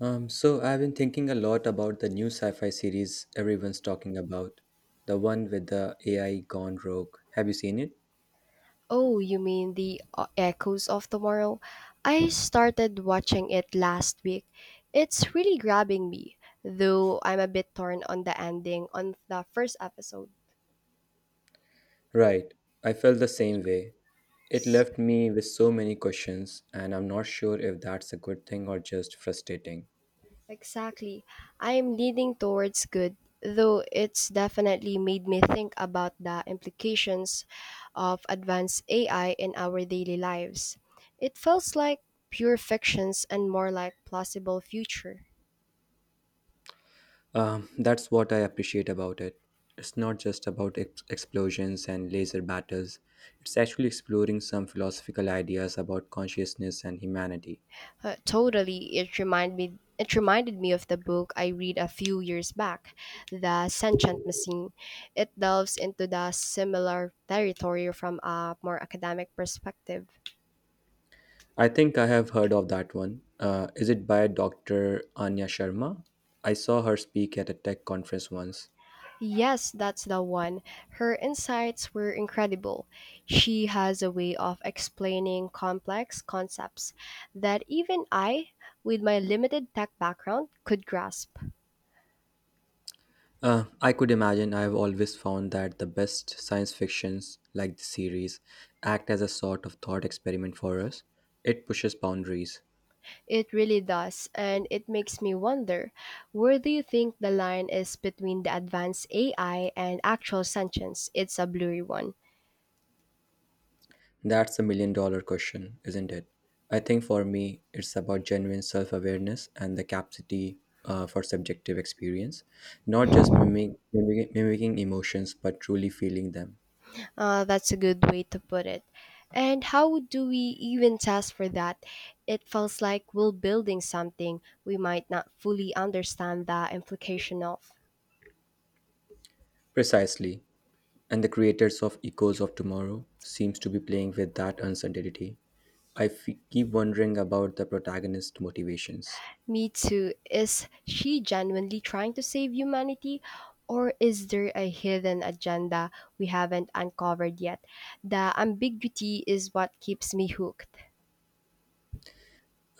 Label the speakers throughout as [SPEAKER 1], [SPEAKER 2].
[SPEAKER 1] So I've been thinking a lot about the new sci-fi series everyone's talking about, the one with the AI gone rogue. Have you seen it?
[SPEAKER 2] Oh, you mean the Echoes of Tomorrow? I started watching it last week. It's really grabbing me, though I'm a bit torn on the ending on the first episode.
[SPEAKER 1] Right. I felt the same way. It
[SPEAKER 2] S-
[SPEAKER 1] left me with so many questions, and I'm not sure if that's a good thing or just frustrating.
[SPEAKER 2] Exactly. I'm leaning towards good, though it's definitely made me think about the implications of advanced AI in our daily lives. It feels like pure fictions and more like plausible future.
[SPEAKER 1] That's what I appreciate about it. It's not just about explosions and laser battles. It's actually exploring some philosophical ideas about consciousness and humanity.
[SPEAKER 2] Totally, it reminded me. It reminded me of the book I read a few years back, The Sentient Machine. It delves into the similar territory from a more academic perspective.
[SPEAKER 1] I think I have heard of that one. Is it by Dr. Anya Sharma? I saw her speak at a tech conference once.
[SPEAKER 2] Yes, that's the one. Her insights were incredible. She has a way of explaining complex concepts that even I, with my limited tech background, could grasp.
[SPEAKER 1] I could imagine I have always found that the best science fictions, like the series, act as a sort of thought experiment for us. It pushes boundaries.
[SPEAKER 2] It really does, and it makes me wonder, where do you think the line is between the advanced AI and actual sentience? It's a blurry one.
[SPEAKER 1] That's a $1 million question, isn't it? I think for me, it's about genuine self awareness and the capacity for subjective experience, not just mimicking emotions, but truly feeling them.
[SPEAKER 2] That's a good way to put it. And how do we even test for that? It feels like we're building something we might not fully understand the implication of.
[SPEAKER 1] Precisely. And the creators of Echoes of Tomorrow seems to be playing with that uncertainty. Keep wondering about the protagonist's motivations.
[SPEAKER 2] Me too. Is she genuinely trying to save humanity? Or is there a hidden agenda we haven't uncovered yet? The ambiguity is what keeps me hooked.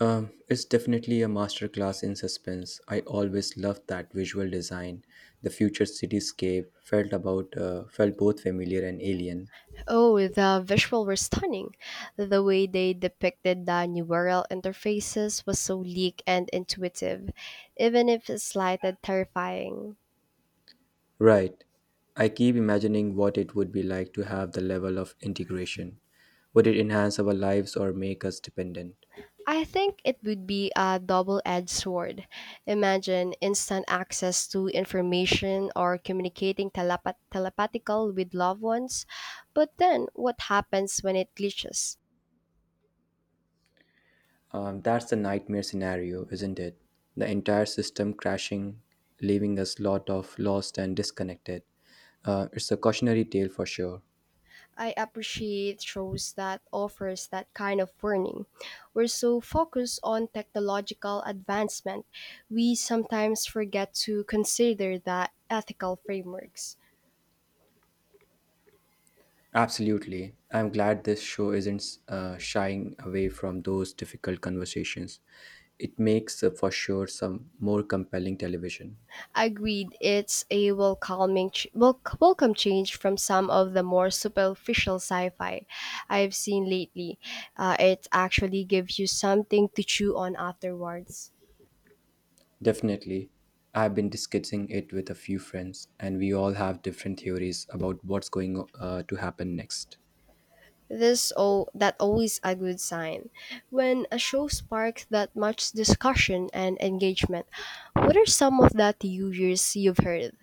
[SPEAKER 1] It's definitely a masterclass in suspense. I always loved that visual design. The future cityscape felt about felt both familiar and alien.
[SPEAKER 2] Oh, the visuals were stunning. The way they depicted the neural interfaces was so sleek and intuitive, even if it's slighted terrifying.
[SPEAKER 1] Right. I keep imagining what it would be like to have the level of integration. Would it enhance our lives or make us dependent?
[SPEAKER 2] I think it would be a double edged sword. Imagine instant access to information or communicating telepathical with loved ones. But then, what happens when it glitches?
[SPEAKER 1] That's the nightmare scenario, isn't it? The entire system crashing, leaving us lot of lost and disconnected. It's a cautionary tale for sure.
[SPEAKER 2] I appreciate shows that offers that kind of warning. We're so focused on technological advancement, we sometimes forget to consider the ethical frameworks.
[SPEAKER 1] Absolutely. I'm glad this show isn't shying away from those difficult conversations. It makes for sure some more compelling television.
[SPEAKER 2] Agreed, it's a welcome change from some of the more superficial sci-fi I've seen lately. It actually gives you something to chew on afterwards.
[SPEAKER 1] Definitely. I've been discussing it with a few friends, and we all have different theories about what's going to happen next.
[SPEAKER 2] This all that always a good sign. When a show sparks that much discussion and engagement, what are some of the theories you've heard?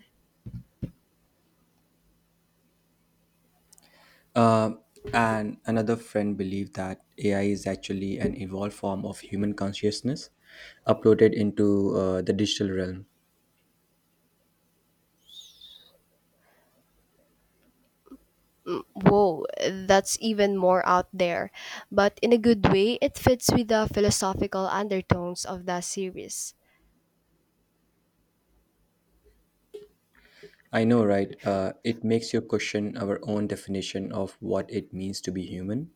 [SPEAKER 1] Um, and another friend believed that AI is actually an evolved form of human consciousness uploaded into the digital realm.
[SPEAKER 2] Mm, whoa, that's even more out there. But in a good way, it fits with the philosophical undertones of the series.
[SPEAKER 1] I know, right? It makes you question our own definition of what it means to be human.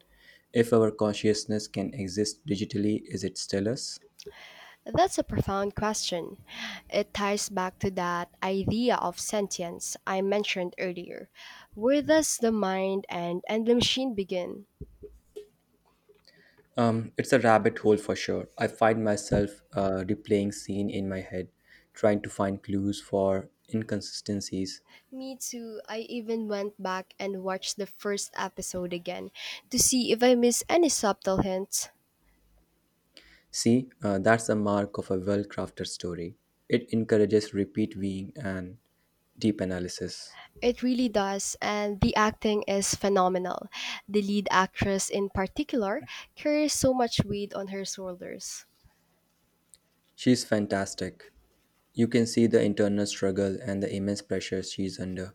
[SPEAKER 1] If our consciousness can exist digitally, is it still us?
[SPEAKER 2] That's a profound question. It ties back to that idea of sentience I mentioned earlier. Where does the mind and the machine begin?
[SPEAKER 1] It's a rabbit hole for sure. I find myself replaying scene in my head, trying to find clues for inconsistencies.
[SPEAKER 2] Me too. I even went back and watched the first episode again to see if I miss any subtle hints.
[SPEAKER 1] See, that's the mark of a well crafted story. It encourages repeat viewing and deep analysis.
[SPEAKER 2] It really does, and the acting is phenomenal. The lead actress, in particular, carries so much weight on her shoulders.
[SPEAKER 1] She's fantastic. You can see the internal struggle and the immense pressure she's under,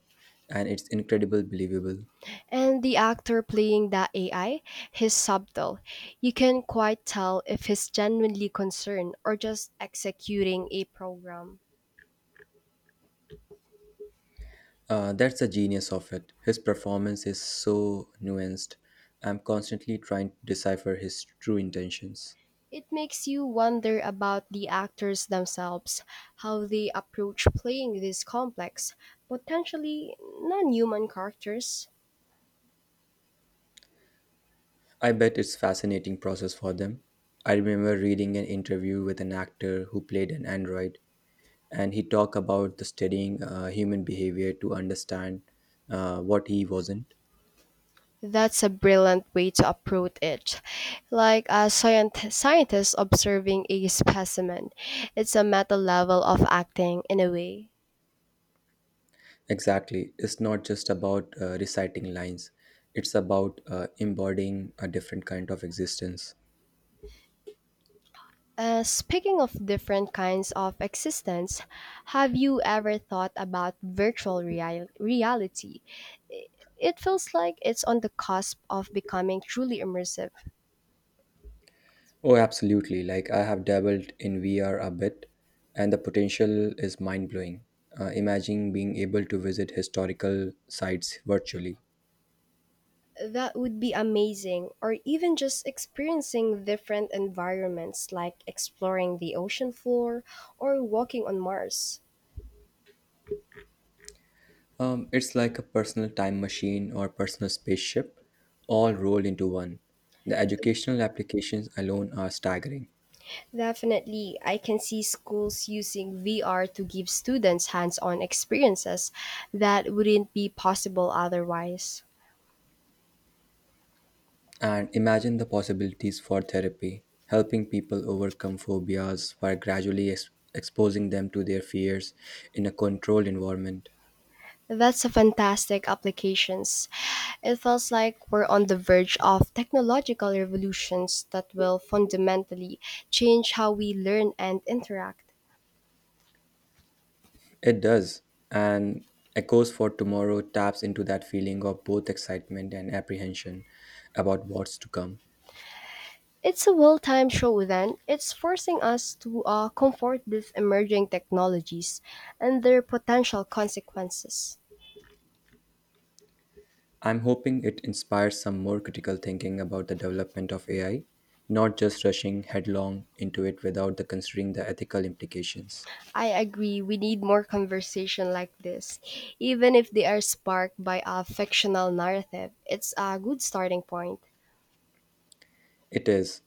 [SPEAKER 1] and it's incredibly believable.
[SPEAKER 2] And the actor playing the AI, he's subtle. You can quite tell if he's genuinely concerned or just executing a program.
[SPEAKER 1] That's the genius of it. His performance is so nuanced. I'm constantly trying to decipher his true intentions.
[SPEAKER 2] It makes you wonder about the actors themselves, how they approach playing these complex, potentially non human characters.
[SPEAKER 1] I bet it's fascinating process for them. I remember reading an interview with an actor who played an android and he talked about the studying human behavior to understand what he wasn't.
[SPEAKER 2] That's a brilliant way to approach it. Like a scientist observing a specimen, it's a meta level of acting in a way.
[SPEAKER 1] Exactly, it's not just about reciting lines. It's about embodying a different kind of existence.
[SPEAKER 2] Speaking of different kinds of existence, have you ever thought about reality? I- It feels like it's on the cusp of becoming truly immersive.
[SPEAKER 1] Oh, absolutely, like I have dabbled in VR a bit and the potential is mind-blowing. Imagine being able to visit historical sites virtually.
[SPEAKER 2] That would be amazing, or even just experiencing different environments like exploring the ocean floor or walking on Mars.
[SPEAKER 1] It's like a personal time machine or personal spaceship, all rolled into one. The educational applications alone are staggering.
[SPEAKER 2] Definitely, I can see schools using VR to give students hands on experiences that wouldn't be possible otherwise.
[SPEAKER 1] And imagine the possibilities for therapy, helping people overcome phobias by gradually exposing them to their fears in a controlled environment.
[SPEAKER 2] That's a fantastic applications. It feels like we're on the verge of technological revolutions that will fundamentally change how we learn and interact.
[SPEAKER 1] It does. And Echoes for Tomorrow taps into that feeling of both excitement and apprehension about what's to come.
[SPEAKER 2] It's a well-timed show then. It's forcing us to comfort with emerging technologies and their potential consequences.
[SPEAKER 1] I'm hoping it inspires some more critical thinking about the development of AI, not just rushing headlong into it without the considering the ethical implications.
[SPEAKER 2] I agree, we need more conversation like this. Even if they are sparked by a fictional narrative, it's a good starting point.
[SPEAKER 1] It is.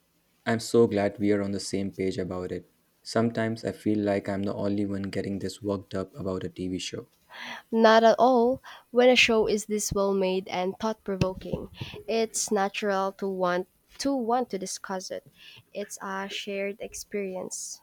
[SPEAKER 1] I'm so glad we are on the same page about it. Sometimes I feel like I'm the only one getting this worked up about a TV show.
[SPEAKER 2] Not at all. When a show is this well made and thought provoking, it's natural to want to discuss it. It's a shared experience.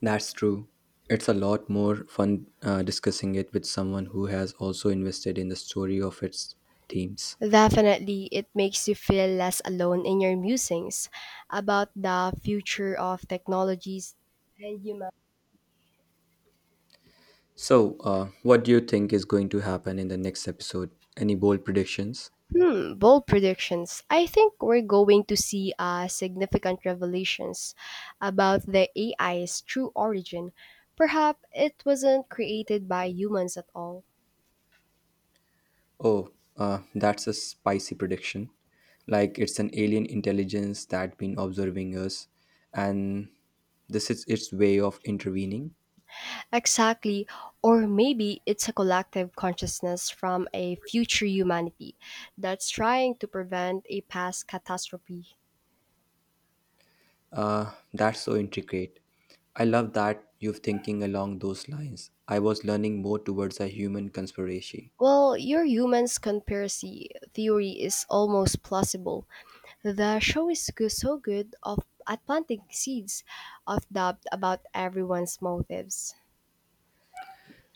[SPEAKER 1] That's true. It's a lot more fun discussing it with someone who has also invested in the story of its themes.
[SPEAKER 2] Definitely, it makes you feel less alone in your musings about the future of technologies and human.
[SPEAKER 1] So, what do you think is going to happen in the next episode? Any bold predictions?
[SPEAKER 2] Hmm, bold predictions. I think we're going to see significant revelations about the AI's true origin. Perhaps it wasn't created by humans at all.
[SPEAKER 1] Oh, that's a spicy prediction. Like it's an alien intelligence that been observing us, and this is its way of intervening.
[SPEAKER 2] Exactly. Or maybe it's a collective consciousness from a future humanity that's trying to prevent a past catastrophe.
[SPEAKER 1] That's so intricate. I love that you're thinking along those lines. I was learning more towards a human conspiracy.
[SPEAKER 2] Well, your human's conspiracy theory is almost plausible. The show is so good of at planting seeds of doubt about everyone's motives.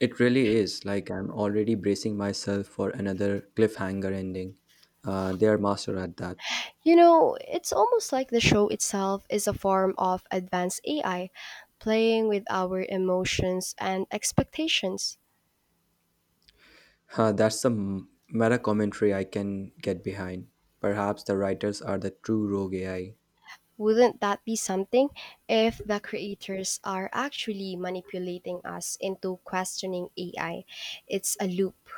[SPEAKER 1] It really is. Like I'm already bracing myself for another cliffhanger ending. They are master at that.
[SPEAKER 2] You know, it's almost like the show itself is a form of advanced AI playing with our emotions and expectations.
[SPEAKER 1] Huh, that's some meta commentary I can get behind. Perhaps the writers are the true rogue AI.
[SPEAKER 2] Wouldn't that be something if the creators are actually manipulating us into questioning AI? It's a loop.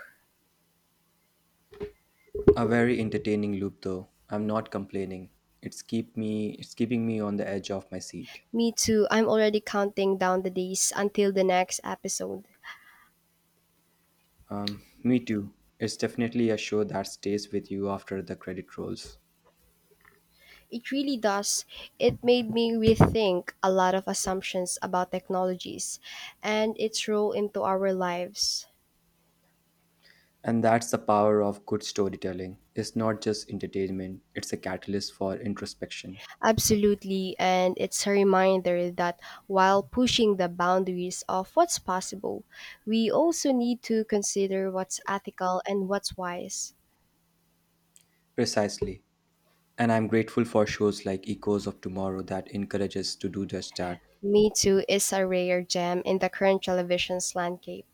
[SPEAKER 1] A very entertaining loop though. I'm not complaining. It's keeping me on the edge of my seat.
[SPEAKER 2] Me too. I'm already counting down the days until the next episode.
[SPEAKER 1] Me too. It's definitely a show that stays with you after the credit rolls.
[SPEAKER 2] It really does. It made me rethink a lot of assumptions about technologies and its role into our lives.
[SPEAKER 1] And that's the power of good storytelling. It's not just entertainment, it's a catalyst for introspection.
[SPEAKER 2] Absolutely, and it's a reminder that while pushing the boundaries of what's possible, we also need to consider what's ethical and what's wise.
[SPEAKER 1] Precisely. And I'm grateful for shows like Echoes of Tomorrow that encourage us to do just that.
[SPEAKER 2] Me Too is a rare gem in the current television's landscape.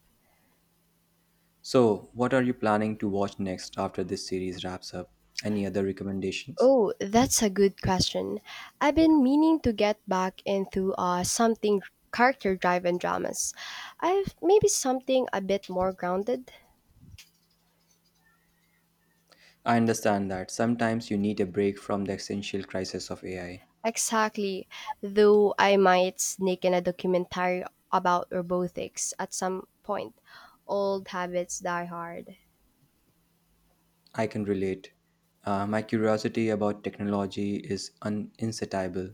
[SPEAKER 1] So, what are you planning to watch next after this series wraps up? Any other recommendations?
[SPEAKER 2] Oh, that's a good question. I've been meaning to get back into something character driven dramas. I've maybe something a bit more grounded.
[SPEAKER 1] I understand that sometimes you need a break from the existential crisis of AI.
[SPEAKER 2] Exactly. Though I might sneak in a documentary about robotics at some point. Old habits die hard.
[SPEAKER 1] I can relate. My curiosity about technology is insatiable.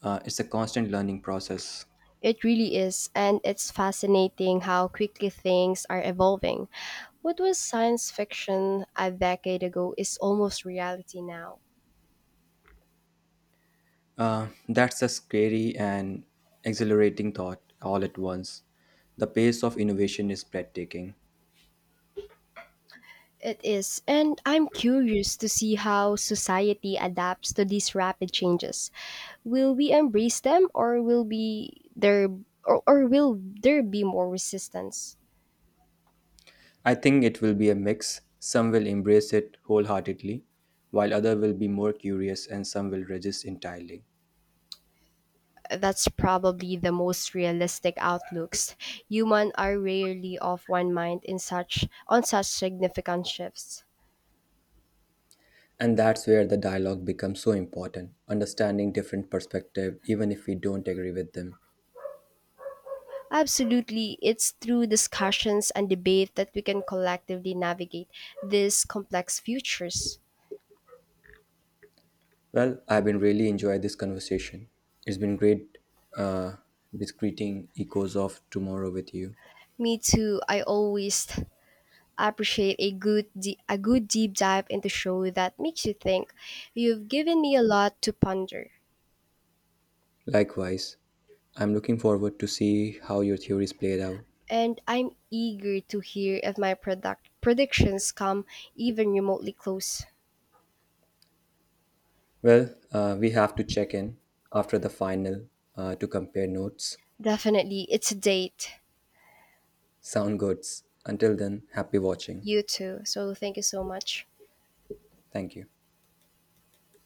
[SPEAKER 1] It's a constant learning process.
[SPEAKER 2] It really is, and it's fascinating how quickly things are evolving. What was science fiction a decade ago is almost reality now.
[SPEAKER 1] That's a scary and exhilarating thought all at once. The pace of innovation is breathtaking.
[SPEAKER 2] It is, and I'm curious to see how society adapts to these rapid changes. Will we embrace them, or will be there, or will there be more resistance?
[SPEAKER 1] I think it will be a mix. Some will embrace it wholeheartedly, while others will be more curious and some will resist entirely.
[SPEAKER 2] That's probably the most realistic outlooks. Humans are rarely of one mind in such on such significant shifts.
[SPEAKER 1] And that's where the dialogue becomes so important, understanding different perspective even if we don't agree with them.
[SPEAKER 2] Absolutely, it's through discussions and debate that we can collectively navigate these complex futures.
[SPEAKER 1] Well, I've been really enjoying this conversation. It's been great uh, discreting echoes of tomorrow with you.
[SPEAKER 2] Me too. I always appreciate a a good deep dive into show that makes you think. You've given me a lot to ponder,
[SPEAKER 1] Likewise, I'm looking forward to see how your theories played out.
[SPEAKER 2] and I'm eager to hear if my product predictions come even remotely close.
[SPEAKER 1] Well, we have to check in after the final to compare notes.
[SPEAKER 2] Definitely. It's a date.
[SPEAKER 1] Sound goods. Until then, happy watching.
[SPEAKER 2] You too. So thank you so much.
[SPEAKER 1] Thank you.